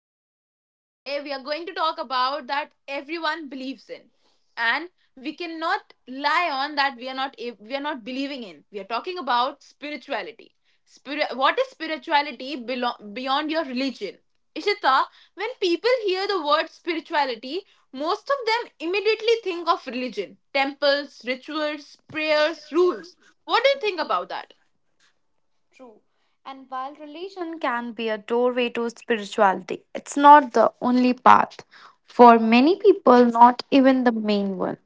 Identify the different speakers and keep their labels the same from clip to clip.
Speaker 1: Ishta. Today we are going to talk about that everyone believes in and we cannot lie on that we are not believing in. We are talking about spirituality. What is spirituality beyond your religion? Ishita, when people hear the word spirituality, most of them immediately think of religion, temples, rituals, prayers, rules. What do you think about that?
Speaker 2: True. And while religion can be a doorway to spirituality, it's not the only path. For many people, not even the main one.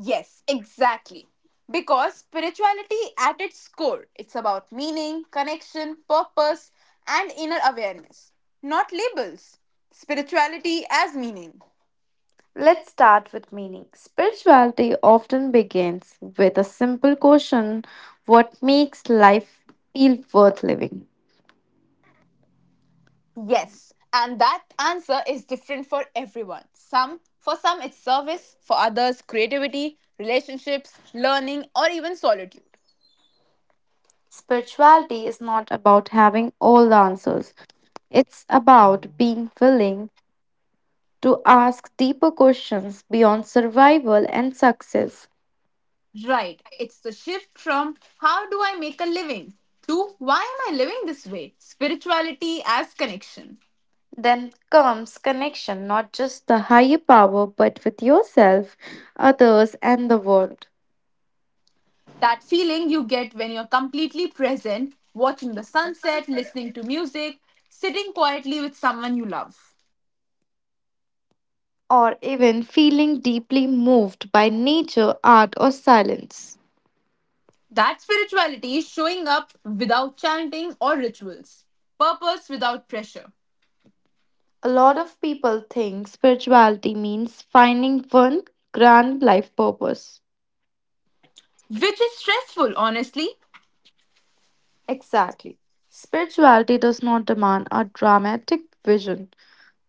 Speaker 1: Yes, exactly. Because spirituality at its core, it's about meaning, connection, purpose, and inner awareness, not labels. Spirituality as meaning.
Speaker 2: Let's start with meaning. Spirituality often begins with a simple question what makes life feel worth living?
Speaker 1: Yes, and that answer is different for everyone. Some for some it's service, for others creativity, relationships, learning or even solitude.
Speaker 2: Spirituality is not about having all the answers, it's about being willing to ask deeper questions beyond survival and success.
Speaker 1: Right. It's the shift from how do I make a living to why am I living this way? Spirituality as connection.
Speaker 2: Then comes connection, not just the higher power, but with yourself, others, and the world.
Speaker 1: That feeling you get when you're completely present, watching the sunset, listening to music, sitting quietly with someone you love.
Speaker 2: Or even feeling deeply moved by nature, art, or silence.
Speaker 1: That spirituality is showing up without chanting or rituals, purpose without pressure,
Speaker 2: A lot of people think spirituality means finding one grand life purpose.
Speaker 1: which is stressful, honestly.
Speaker 2: Exactly. Spirituality does not demand a dramatic vision,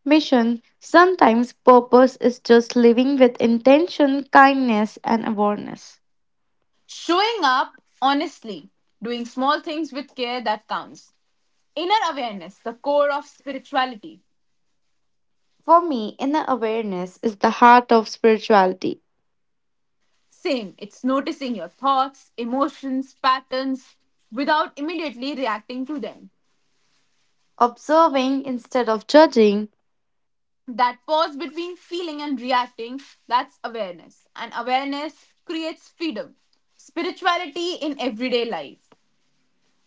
Speaker 2: mission. Sometimes purpose is just living with intention, kindness, and awareness.
Speaker 1: Showing up honestly, doing small things with care that counts. Inner awareness, the core of spirituality.
Speaker 2: For me, inner awareness is the heart of spirituality,
Speaker 1: Same, it's noticing your thoughts, emotions, patterns without immediately reacting to them.
Speaker 2: observing instead of judging.
Speaker 1: That pause between feeling and reacting, that's awareness. And awareness creates freedom spirituality in everyday life.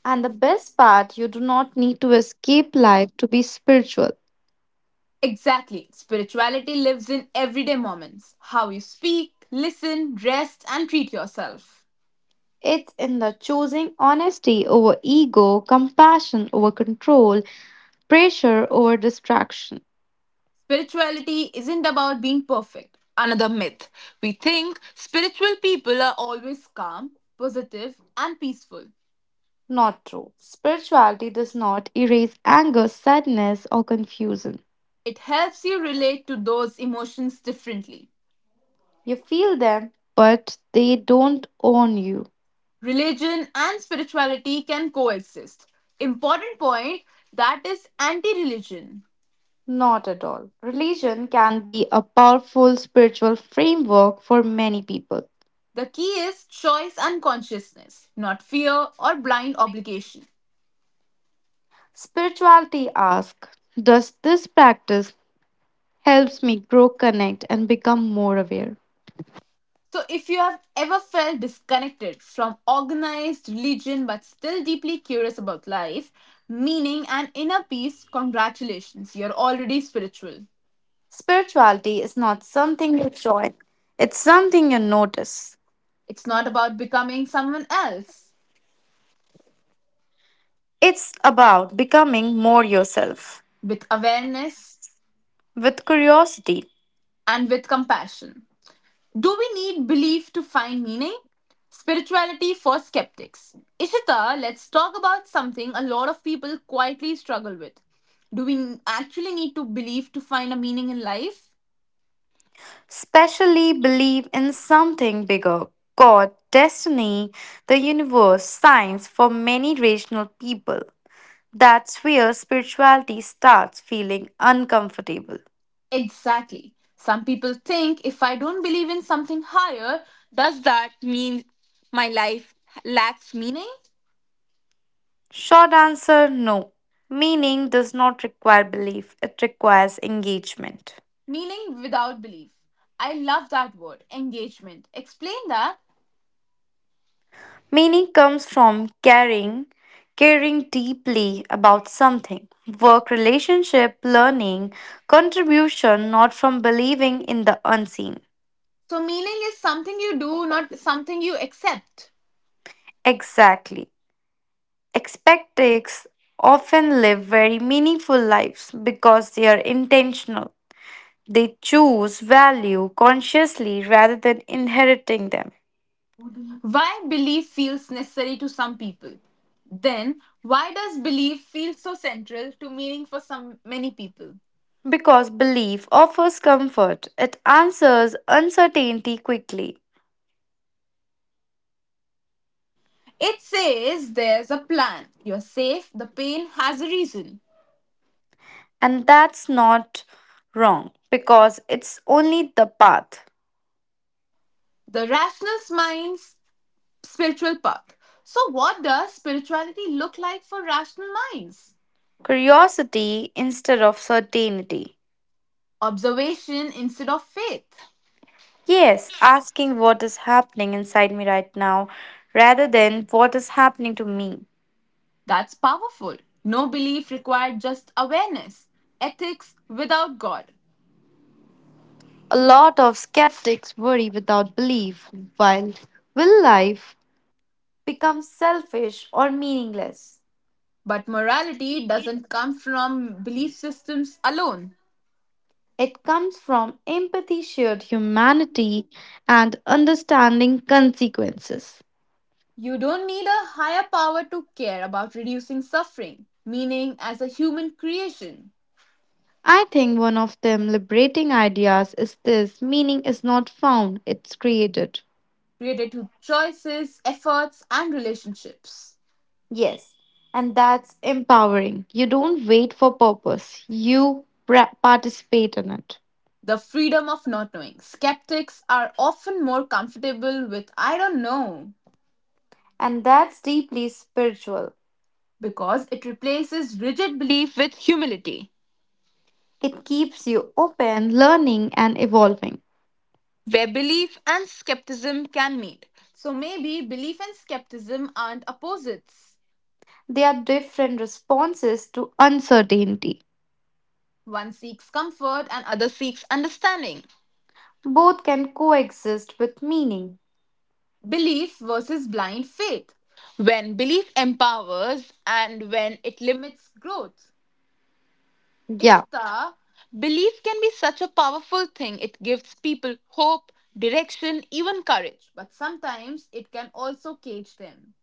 Speaker 2: And the best part, you do not need to escape life to be spiritual.
Speaker 1: Exactly. Spirituality lives in everyday moments how you speak, listen, rest, and treat yourself.
Speaker 2: It's in the choosing honesty over ego, compassion over control, pressure over distraction.
Speaker 1: Spirituality isn't about being perfect. Another myth. We think spiritual people are always calm, positive, and peaceful.
Speaker 2: Not true. Spirituality does not erase anger, sadness, or confusion.
Speaker 1: It helps you relate to those emotions differently.
Speaker 2: You feel them, but they don't own you.
Speaker 1: Religion and spirituality can coexist. Important point that is anti religion.
Speaker 2: Not at all. Religion can be a powerful spiritual framework for many people.
Speaker 1: The key is choice and consciousness, not fear or blind obligation.
Speaker 2: Spirituality asks, does this practice helps me grow, connect and become more aware?
Speaker 1: So, if you have ever felt disconnected from organized religion but still deeply curious about life, meaning, and inner peace, congratulations, you're already spiritual.
Speaker 2: Spirituality is not something you join. It's something you notice.
Speaker 1: It's not about becoming someone else,
Speaker 2: It's about becoming more yourself
Speaker 1: with awareness
Speaker 2: with curiosity,
Speaker 1: and with compassion. Do we need belief to find meaning? Spirituality for skeptics. Ishita, let's talk about something a lot of people quietly struggle with. Do we actually need to believe to find a meaning in life?
Speaker 2: especially believe in something bigger God, destiny, the universe, science for many rational people. That's where spirituality starts feeling uncomfortable.
Speaker 1: Exactly. Some people think if I don't believe in something higher, does that mean my life lacks meaning?
Speaker 2: Short answer no. Meaning does not require belief, it requires engagement.
Speaker 1: Meaning without belief. I love that word, engagement. Explain that.
Speaker 2: Meaning comes from caring, caring deeply about something. Work, relationship, learning, contribution, not from believing in the unseen.
Speaker 1: So, meaning is something you do, not something you accept.
Speaker 2: Exactly. Expectics often live very meaningful lives because they are intentional. They choose value consciously rather than inheriting them.
Speaker 1: Why belief feels necessary to some people? Then, why does belief feel so central to meaning for some many people?
Speaker 2: Because belief offers comfort, it answers uncertainty quickly.
Speaker 1: It says there's a plan. You're safe. The pain has a reason.
Speaker 2: And that's not wrong, because it's only the path.
Speaker 1: The rational mind's spiritual path. So, what does spirituality look like for rational minds?
Speaker 2: Curiosity instead of certainty.
Speaker 1: Observation instead of faith.
Speaker 2: Yes, asking what is happening inside me right now rather than what is happening to me.
Speaker 1: That's powerful. No belief required, just awareness. Ethics without God.
Speaker 2: A lot of skeptics worry without belief, while will life becomes selfish or meaningless.
Speaker 1: But morality doesn't come from belief systems alone.
Speaker 2: It comes from empathy, shared humanity, and understanding consequences.
Speaker 1: You don't need a higher power to care about reducing suffering, meaning as a human creation,
Speaker 2: I think one of them liberating ideas is this meaning is not found, it's created.
Speaker 1: created through choices, efforts, and relationships.
Speaker 2: Yes, and that's empowering. You don't wait for purpose, you participate in it.
Speaker 1: The freedom of not knowing. Skeptics are often more comfortable with I don't know
Speaker 2: And that's deeply spiritual.
Speaker 1: because it replaces rigid belief with humility,
Speaker 2: It keeps you open, learning, and evolving.
Speaker 1: where belief and skepticism can meet. So maybe belief and skepticism aren't opposites.
Speaker 2: They are different responses to uncertainty.
Speaker 1: One seeks comfort and other seeks understanding.
Speaker 2: Both can coexist with meaning.
Speaker 1: Belief versus blind faith. When belief empowers and when it limits growth.
Speaker 2: Yeah,
Speaker 1: Ishita, belief can be such a powerful thing. It gives people hope, direction, even courage. But sometimes it can also cage them.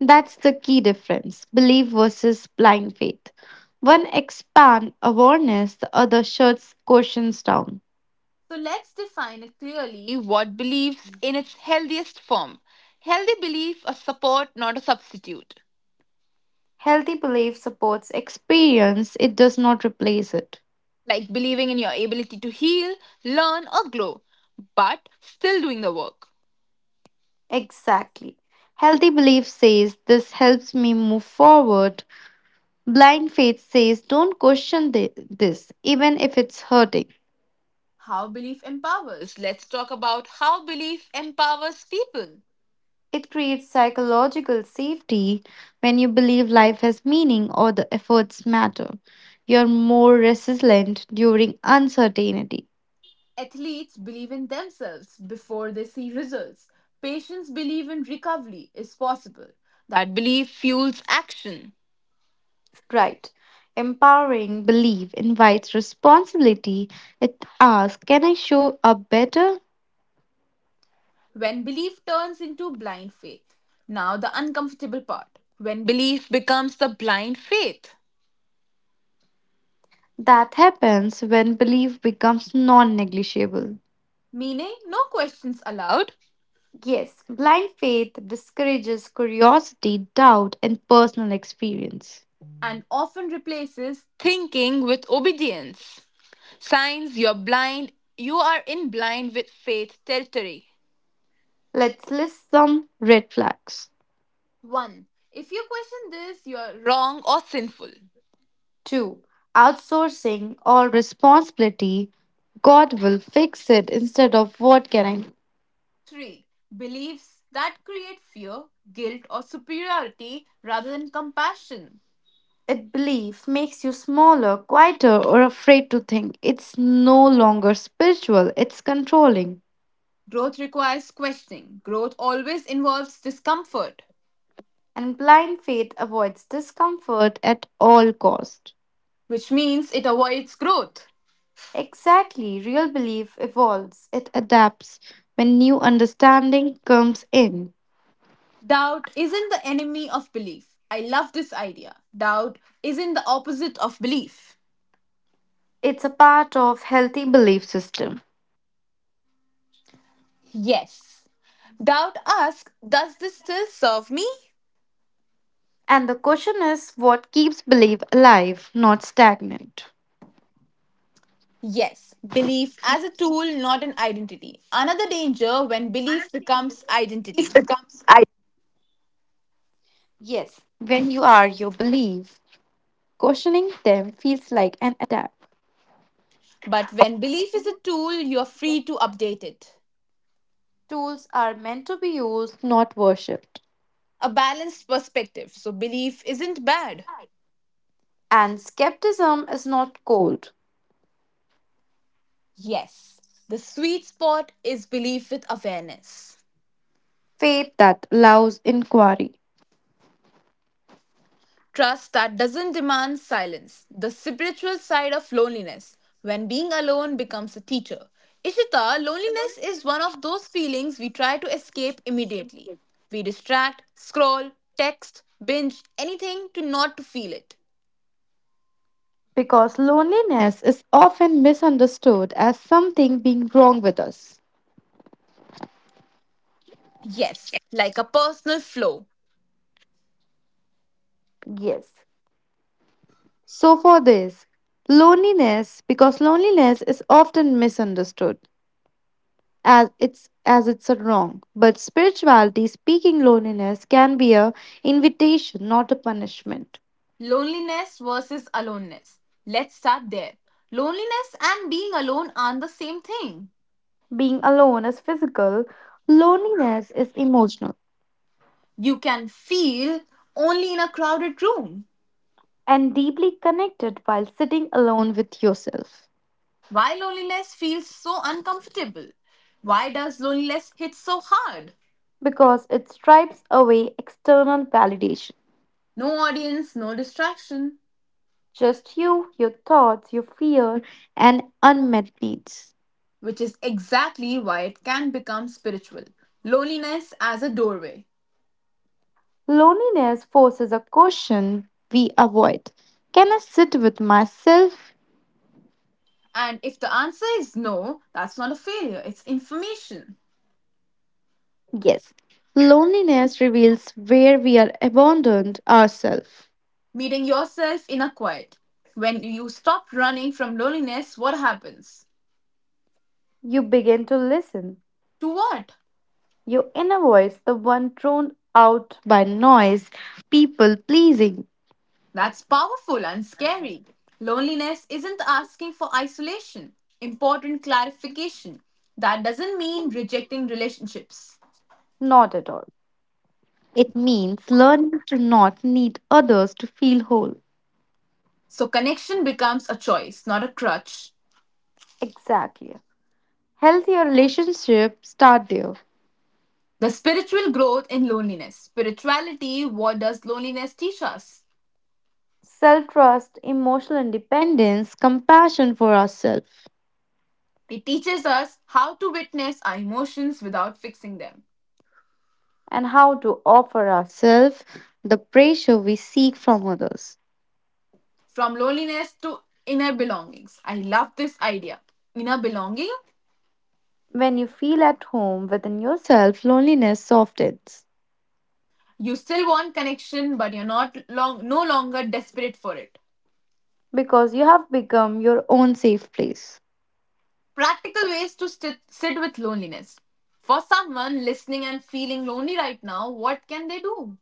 Speaker 2: that's the key difference belief versus blind faith. One expands awareness, the other shuts questions down.
Speaker 1: So let's define it clearly what beliefs in its healthiest form. Healthy belief, a support, not a substitute.
Speaker 2: Healthy belief supports experience, it does not replace it.
Speaker 1: Like believing in your ability to heal, learn, or grow, but still doing the work.
Speaker 2: Exactly. Healthy belief says, This helps me move forward. Blind faith says, Don't question this, even if it's hurting.
Speaker 1: How belief empowers. Let's talk about how belief empowers people.
Speaker 2: It creates psychological safety when you believe life has meaning or the efforts matter. You're more resilient during uncertainty.
Speaker 1: Athletes believe in themselves before they see results. Patients believe in recovery is possible. That belief fuels action.
Speaker 2: Right. Empowering belief invites responsibility. It asks, Can I show up better?
Speaker 1: When belief turns into blind faith. Now, the uncomfortable part. When belief becomes the blind faith
Speaker 2: That happens when belief becomes non negligible.
Speaker 1: meaning no questions allowed,
Speaker 2: Yes, blind faith discourages curiosity, doubt, and personal experience.
Speaker 1: and often replaces thinking with obedience. Signs you're blind, you are in blind with faith territory.
Speaker 2: Let's list some red flags.
Speaker 1: 1. If you question this, you're wrong or sinful.
Speaker 2: 2. Outsourcing all responsibility. God will fix it instead of what can I?
Speaker 1: 3. Beliefs that create fear, guilt, or superiority rather than compassion.
Speaker 2: It belief makes you smaller, quieter, or afraid to think. It's no longer spiritual, it's controlling.
Speaker 1: Growth requires questioning. Growth always involves discomfort,
Speaker 2: And blind faith avoids discomfort at all cost.
Speaker 1: which means it avoids growth.
Speaker 2: Exactly, real belief evolves, it adapts when new understanding comes in.
Speaker 1: Doubt isn't the enemy of belief. I love this idea. Doubt isn't the opposite of belief.
Speaker 2: It's a part of healthy belief system.
Speaker 1: Yes. Doubt asks, does this still serve me?
Speaker 2: And the question is what keeps belief alive, not stagnant.
Speaker 1: Yes. Belief as a tool, not an identity. Another danger when belief becomes
Speaker 2: If the
Speaker 1: identity.
Speaker 2: comes, I Yes, when you are your belief, questioning them feels like an attack.
Speaker 1: But when belief is a tool, you're free to update it.
Speaker 2: Tools are meant to be used, not worshipped.
Speaker 1: A balanced perspective. So belief isn't bad.
Speaker 2: And skepticism is not cold,
Speaker 1: Yes. The sweet spot is belief with awareness.
Speaker 2: faith that allows inquiry.
Speaker 1: Trust that doesn't demand silence. The spiritual side of loneliness, when being alone becomes a teacher. Ishita, loneliness is one of those feelings we try to escape immediately. We distract, scroll, text, binge, anything to not to feel it.
Speaker 2: Because loneliness is often misunderstood as something being wrong with us.
Speaker 1: Yes, like a personal flow.
Speaker 2: Yes. So, for this, loneliness, because loneliness is often misunderstood as it's a wrong, but spirituality speaking, loneliness can be a invitation, not a punishment.
Speaker 1: Loneliness versus aloneness. Let's start there. Loneliness and being alone aren't the same thing.
Speaker 2: Being alone is physical, loneliness is emotional
Speaker 1: You can feel only in a crowded room.
Speaker 2: and deeply connected while sitting alone with yourself
Speaker 1: Why loneliness feels so uncomfortable? Why does loneliness hit so hard?
Speaker 2: because it stripes away external validation.
Speaker 1: No audience, no distraction,
Speaker 2: Just you, your thoughts, your fear, and unmet needs.
Speaker 1: which is exactly why it can become spiritual. Loneliness as a doorway.
Speaker 2: Loneliness forces a question we avoid. Can I sit with myself?
Speaker 1: And if the answer is no, that's not a failure, it's information.
Speaker 2: Yes. Loneliness reveals where we are abandoned ourselves.
Speaker 1: Meeting yourself in a quiet. When you stop running from loneliness, what happens?
Speaker 2: You begin to listen.
Speaker 1: To what?
Speaker 2: Your inner voice, the one thrown out by noise, people pleasing.
Speaker 1: That's powerful and scary. Loneliness isn't asking for isolation. Important clarification. That doesn't mean rejecting relationships.
Speaker 2: Not at all. It means learning to not need others to feel whole.
Speaker 1: So, connection becomes a choice, not a crutch.
Speaker 2: Exactly. Healthier relationships start there.
Speaker 1: The spiritual growth in loneliness. Spirituality, what does loneliness teach us?
Speaker 2: Self trust, emotional independence, compassion for ourselves,
Speaker 1: It teaches us how to witness our emotions without fixing them.
Speaker 2: and how to offer ourselves the pressure we seek from others.
Speaker 1: From loneliness to inner belongings. I love this idea. Inner belonging.
Speaker 2: When you feel at home within yourself, loneliness softens
Speaker 1: You still want connection, but you're not long, no longer desperate for it.
Speaker 2: because you have become your own safe place.
Speaker 1: Practical ways to sit with loneliness. For someone listening and feeling lonely right now, what can they do?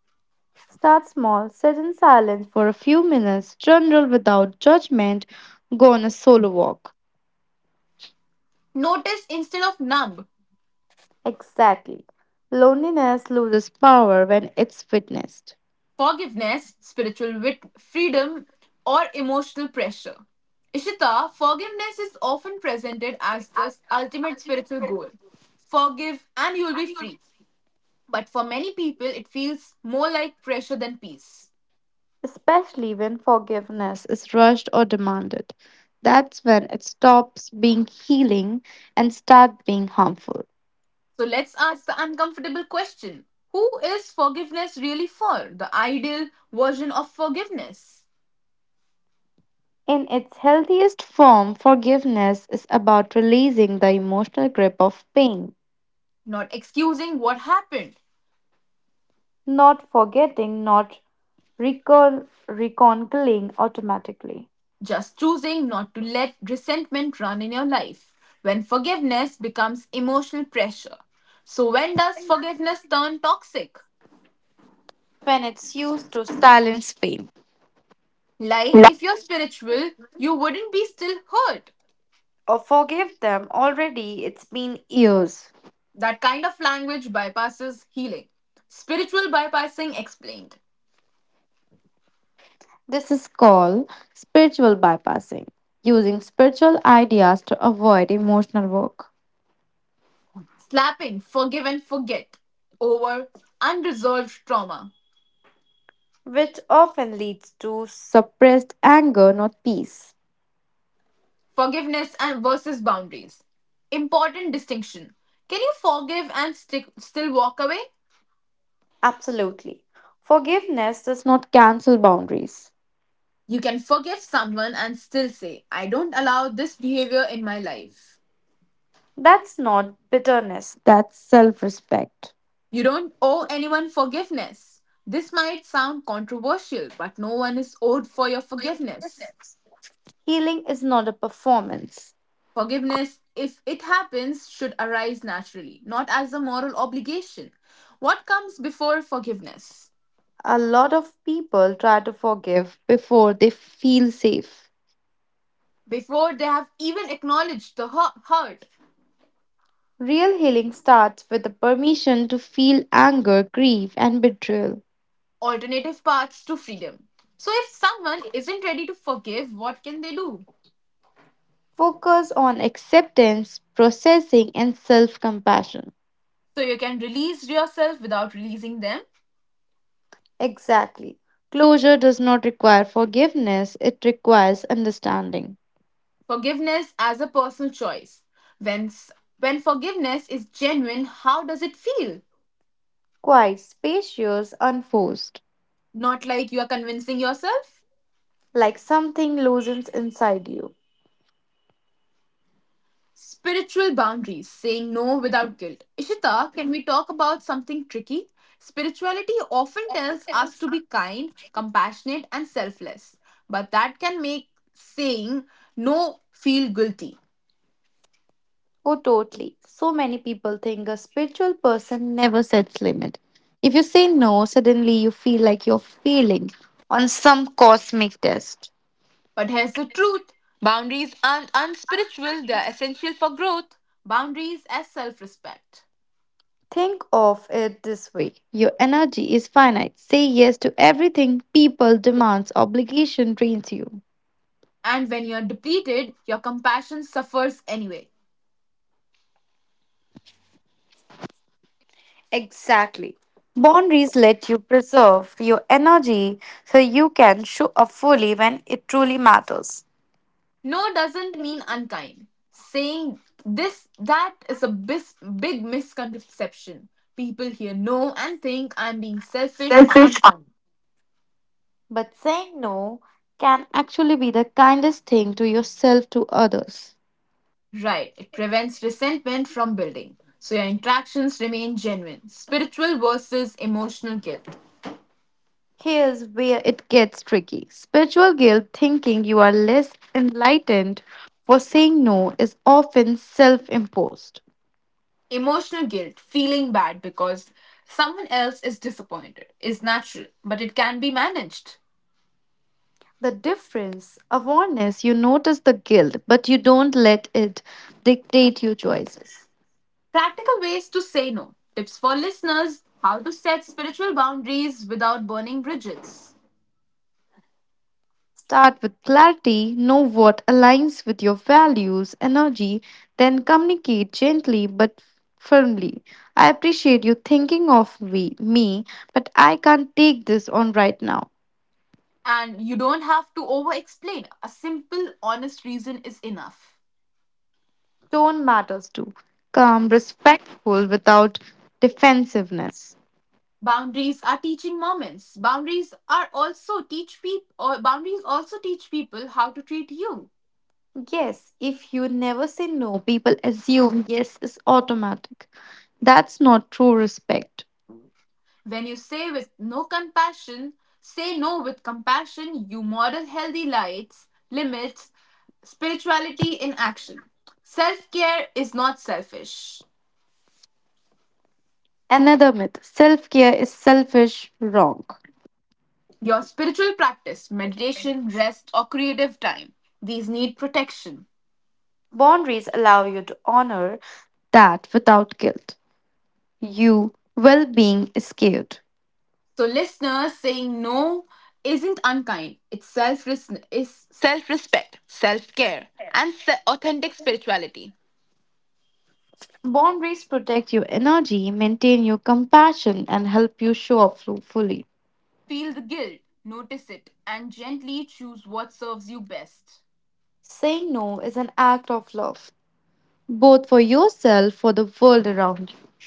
Speaker 2: Start small, sit in silence for a few minutes, journal without judgment, go on a solo walk.
Speaker 1: Notice instead of numb,
Speaker 2: Exactly. Loneliness loses power when it's witnessed.
Speaker 1: forgiveness, spiritual freedom, or emotional pressure. Ishita, forgiveness is often presented as the ultimate spiritual goal. Forgive and you'll be free. But for many people, it feels more like pressure than peace.
Speaker 2: Especially when forgiveness is rushed or demanded. That's when it stops being healing and starts being harmful.
Speaker 1: So let's ask the uncomfortable question. Who is forgiveness really for? The ideal version of forgiveness.
Speaker 2: In its healthiest form, forgiveness is about releasing the emotional grip of pain,
Speaker 1: Not excusing what happened,
Speaker 2: not forgetting, not reconciling automatically.
Speaker 1: just choosing not to let resentment run in your life. When forgiveness becomes emotional pressure. So, when does forgiveness turn toxic?
Speaker 2: When it's used to silence pain
Speaker 1: Like, if you're spiritual, you wouldn't be still hurt.
Speaker 2: or forgive them already, it's been years.
Speaker 1: That kind of language bypasses healing. Spiritual bypassing explained.
Speaker 2: This is called spiritual bypassing, using spiritual ideas to avoid emotional work,
Speaker 1: Slapping forgive and forget over unresolved trauma.
Speaker 2: which often leads to suppressed anger, not peace.
Speaker 1: Forgiveness and versus boundaries. Important distinction. Can you forgive and still walk away?
Speaker 2: Absolutely. Forgiveness does not cancel boundaries.
Speaker 1: You can forgive someone and still say, I don't allow this behavior in my life.
Speaker 2: That's not bitterness, that's self respect.
Speaker 1: You don't owe anyone forgiveness. This might sound controversial, but no one is owed for your forgiveness.
Speaker 2: Healing is not a performance.
Speaker 1: Forgiveness, if it happens, should arise naturally, not as a moral obligation. What comes before forgiveness?
Speaker 2: A lot of people try to forgive before they feel safe.
Speaker 1: Before they have even acknowledged the hurt,
Speaker 2: Real healing starts with the permission to feel anger, grief, and betrayal.
Speaker 1: alternative paths to freedom. So, if someone isn't ready to forgive, what can they do?
Speaker 2: Focus on acceptance, processing, and self compassion.
Speaker 1: So, you can release yourself without releasing them.
Speaker 2: Exactly. Closure does not require forgiveness, it requires understanding.
Speaker 1: Forgiveness as a personal choice. When, s- when forgiveness is genuine, how does it feel?
Speaker 2: Quiet, spacious, unforced.
Speaker 1: Not like you are convincing yourself?
Speaker 2: Like something loosens inside you.
Speaker 1: Spiritual boundaries, saying no without guilt. Ishita, can we talk about something tricky? Spirituality often tells us to be kind, compassionate, and selfless, but that can make saying no feel guilty.
Speaker 2: Oh, totally. So many people think a spiritual person never sets limit. If you say no, suddenly you feel like you're failing on some cosmic test.
Speaker 1: But here's the truth. Boundaries aren't unspiritual, they're essential for growth. Boundaries as self respect.
Speaker 2: Think of it this way. Your energy is finite. Say yes to everything people demands obligation drains you.
Speaker 1: And when you're depleted, your compassion suffers anyway.
Speaker 2: Exactly. Boundaries let you preserve your energy so you can show up fully when it truly matters.
Speaker 1: No doesn't mean unkind. That is a big misconception. People hear no and think I'm being selfish or
Speaker 2: Selfish.
Speaker 1: unkind.
Speaker 2: But saying no can actually be the kindest thing to yourself to others.
Speaker 1: Right, it prevents resentment from building. So your interactions remain genuine. Spiritual versus emotional guilt.
Speaker 2: Here's where it gets tricky. Spiritual guilt, thinking you are less enlightened for saying no, is often self imposed.
Speaker 1: Emotional guilt, feeling bad because someone else is disappointed, is natural, but it can be managed.
Speaker 2: The difference, awareness, you notice the guilt, but you don't let it dictate your choices.
Speaker 1: Practical ways to say no. Tips for listeners how to set spiritual boundaries without burning bridges.
Speaker 2: Start with clarity, know what aligns with your values, energy, then communicate gently but firmly. I appreciate you thinking of me, but I can't take this on right now.
Speaker 1: And you don't have to over explain. A simple, honest reason is enough.
Speaker 2: Tone matters too. Calm, respectful without defensiveness.
Speaker 1: Boundaries are teaching moments. Boundaries also teach people how to treat you.
Speaker 2: Yes, if you never say no, people assume yes is automatic. That's not true respect.
Speaker 1: When you say with no compassion, say no with compassion, you model healthy limits, spirituality in action. Self care is not selfish.
Speaker 2: Another myth self care is selfish, wrong.
Speaker 1: Your spiritual practice, meditation, rest, or creative time, these need protection.
Speaker 2: Boundaries allow you to honor that without guilt. You well being is scared.
Speaker 1: So, listeners, saying no isn't unkind. It's self respect, self care, and authentic spirituality.
Speaker 2: Boundaries protect your energy, maintain your compassion, and help you show up fully.
Speaker 1: Feel the guilt, notice it, and gently choose what serves you best.
Speaker 2: Saying no is an act of love, both for yourself, for the world around you.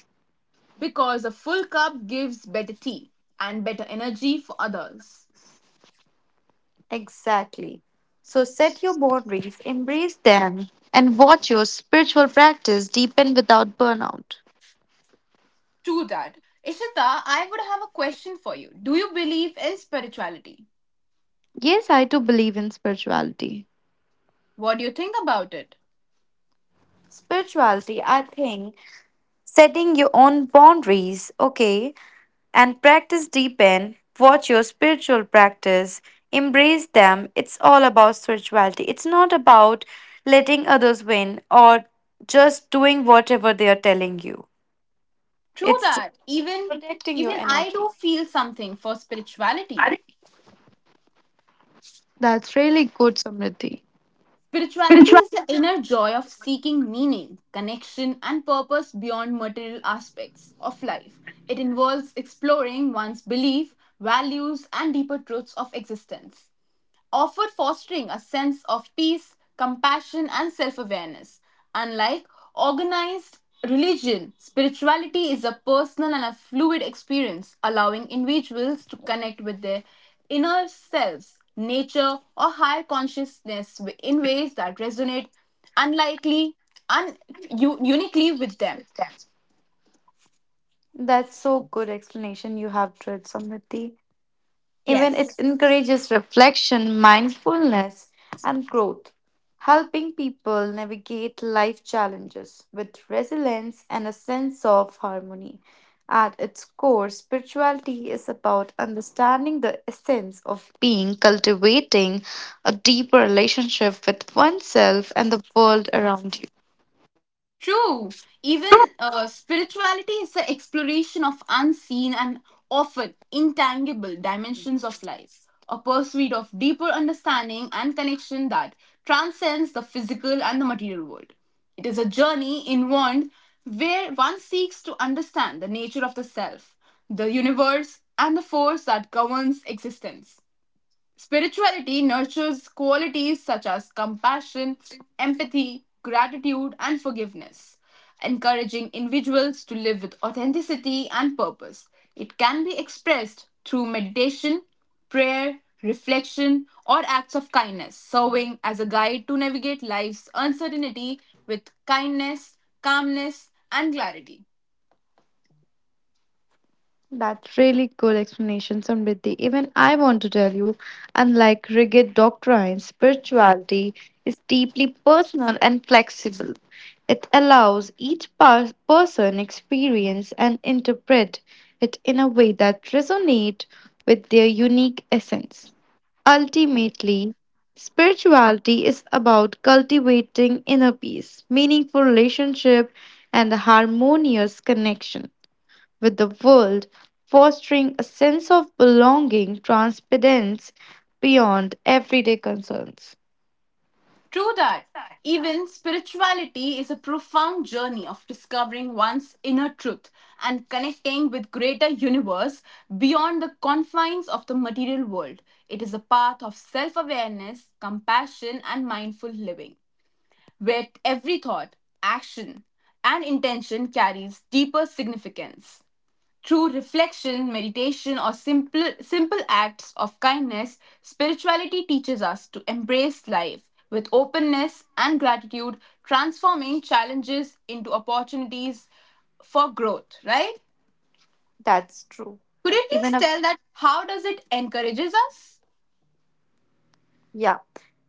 Speaker 1: Because a full cup gives better tea and better energy for others.
Speaker 2: Exactly. So set your boundaries, embrace them, and watch your spiritual practice deepen without burnout.
Speaker 1: True that. Ishita, I would have a question for you. Do you believe in spirituality?
Speaker 2: Yes, I do believe in spirituality.
Speaker 1: What do you think about it?
Speaker 2: Spirituality, I think, setting your own boundaries, okay, and practice deepen, watch your spiritual practice, embrace them. It's all about spirituality. It's not about letting others win or just doing whatever they are telling you.
Speaker 1: True
Speaker 2: It's
Speaker 1: that. Even
Speaker 2: protecting your
Speaker 1: even I do
Speaker 2: energy.
Speaker 1: feel something for spirituality.
Speaker 2: That's really good, Samriti.
Speaker 1: Spirituality is the inner joy of seeking meaning, connection, and purpose beyond material aspects of life. It involves exploring one's belief, values, and deeper truths of existence, offered fostering a sense of peace, compassion, and self awareness. Unlike organized religion, spirituality is a personal and a fluid experience, allowing individuals to connect with their inner selves, nature, or higher consciousness in ways that resonate unlikely, un- uniquely with them.
Speaker 2: That's so good explanation you have, Drit Samriti. Even it
Speaker 1: Yes.
Speaker 2: encourages reflection, mindfulness, and growth, helping people navigate life challenges with resilience and a sense of harmony. At its core, spirituality is about understanding the essence of being, cultivating a deeper relationship with oneself and the world around you.
Speaker 1: True. Even spirituality is the exploration of unseen and often intangible dimensions of life, a pursuit of deeper understanding and connection that transcends the physical and the material world. It is a journey inward where one seeks to understand the nature of the self, the universe, and the force that governs existence. Spirituality nurtures qualities such as compassion, empathy, gratitude, and forgiveness, encouraging individuals to live with authenticity and purpose. It can be expressed through meditation, prayer, reflection, or acts of kindness, serving as a guide to navigate life's uncertainty with kindness, calmness, and clarity.
Speaker 2: That's really cool explanation, Samriddhi. Even I want to tell you, unlike rigid doctrines, spirituality is deeply personal and flexible. It allows each person experience and interpret it in a way that resonates with their unique essence. Ultimately, spirituality is about cultivating inner peace, meaningful relationship, and a harmonious connection with the world, fostering a sense of belonging transcendence beyond everyday concerns.
Speaker 1: True that. Even spirituality is a profound journey of discovering one's inner truth and connecting with greater universe beyond the confines of the material world. It is a path of self-awareness, compassion and mindful living, where every thought, action and intention carries deeper significance. Through reflection, meditation, or simple acts of kindness, spirituality teaches us to embrace life with openness and gratitude, transforming challenges into opportunities for growth, right?
Speaker 2: That's true.
Speaker 1: Could you
Speaker 2: Even
Speaker 1: please
Speaker 2: a
Speaker 1: tell that how does it encourages us?
Speaker 2: Yeah,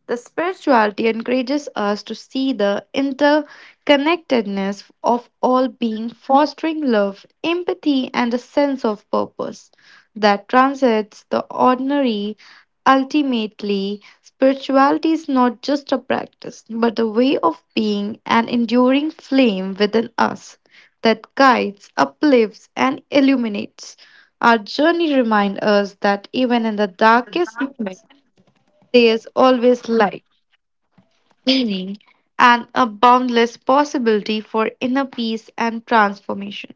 Speaker 2: the spirituality encourages us to see the interconnectedness of all being, fostering love, empathy, and a sense of purpose that transcends the ordinary. Ultimately, spirituality is not just a practice, but a way of being an enduring flame within us that guides, uplifts, and illuminates. Our journey reminds us that even in the darkest, there is always light. And a boundless possibility for inner peace and transformation.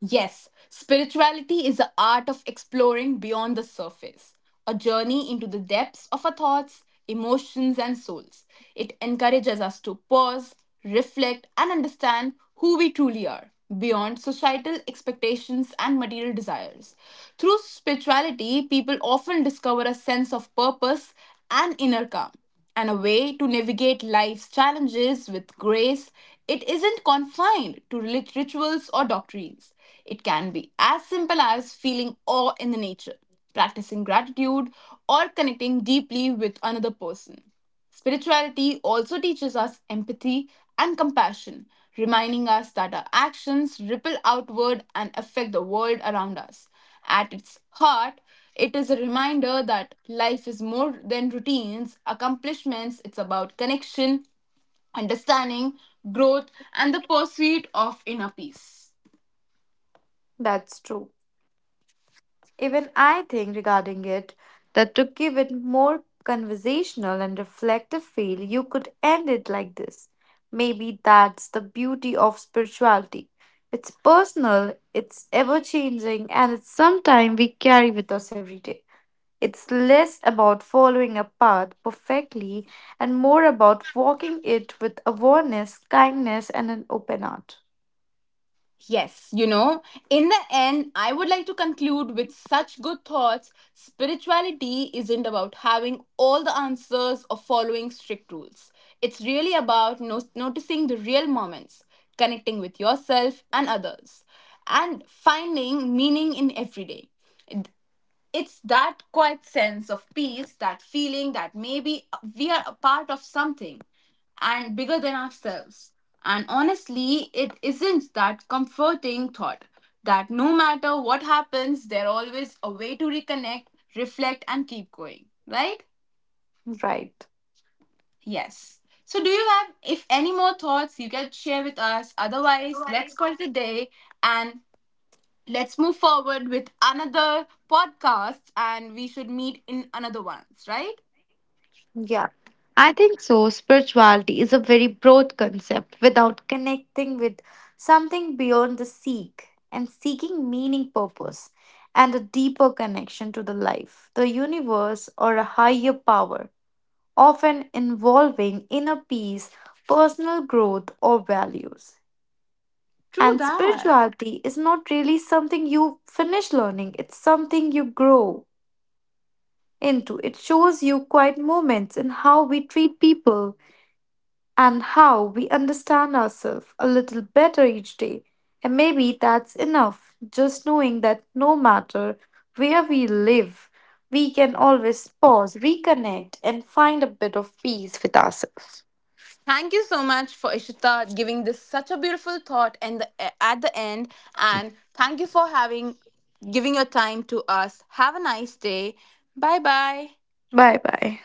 Speaker 1: Yes, spirituality is the art of exploring beyond the surface, a journey into the depths of our thoughts, emotions, and souls. It encourages us to pause, reflect, and understand who we truly are beyond societal expectations and material desires. Through spirituality, people often discover a sense of purpose and inner calm and a way to navigate life's challenges with grace. It isn't confined to rituals or doctrines. It can be as simple as feeling awe in the nature, practicing gratitude, or connecting deeply with another person. Spirituality also teaches us empathy and compassion, reminding us that our actions ripple outward and affect the world around us. At its heart, it is a reminder that life is more than routines, accomplishments, it's about connection, understanding, growth, and the pursuit of inner peace.
Speaker 2: That's true. Even I think regarding it that to give it more conversational and reflective feel, you could end it like this. Maybe that's the beauty of spirituality. It's personal, it's ever changing, and it's something we carry with us every day. It's less about following a path perfectly and more about walking it with awareness, kindness, and an open heart.
Speaker 1: Yes, you know, in the end, I would like to conclude with such good thoughts. Spirituality isn't about having all the answers or following strict rules. It's really about noticing the real moments, connecting with yourself and others, and finding meaning in every day it's that quiet sense of peace, that feeling that maybe we are a part of something and bigger than ourselves. And honestly, it isn't that comforting thought that no matter what happens, there's always a way to reconnect, reflect, and keep going, right?
Speaker 2: Right.
Speaker 1: Yes. So, do you have, if any more thoughts you can share with us? Otherwise, let's call it a day and let's move forward with another podcast and we should meet in another ones, right?
Speaker 2: Yeah. I think so. Spirituality is a very broad concept without connecting with something beyond the seek and seeking meaning, purpose, and a deeper connection to the life, the universe, or a higher power, often involving inner peace, personal growth, or values.
Speaker 1: True
Speaker 2: And
Speaker 1: that.
Speaker 2: spirituality is not really something you finish learning, it's something you grow into. It shows you quiet moments in how we treat people and how we understand ourselves a little better each day. And maybe that's enough, just knowing that no matter where we live, we can always pause, reconnect, and find a bit of peace with ourselves.
Speaker 1: Thank you so much for Ishita giving this such a beautiful thought and the, at the end and thank you for having giving your time to us. Have a nice day. Bye bye.
Speaker 2: Bye bye.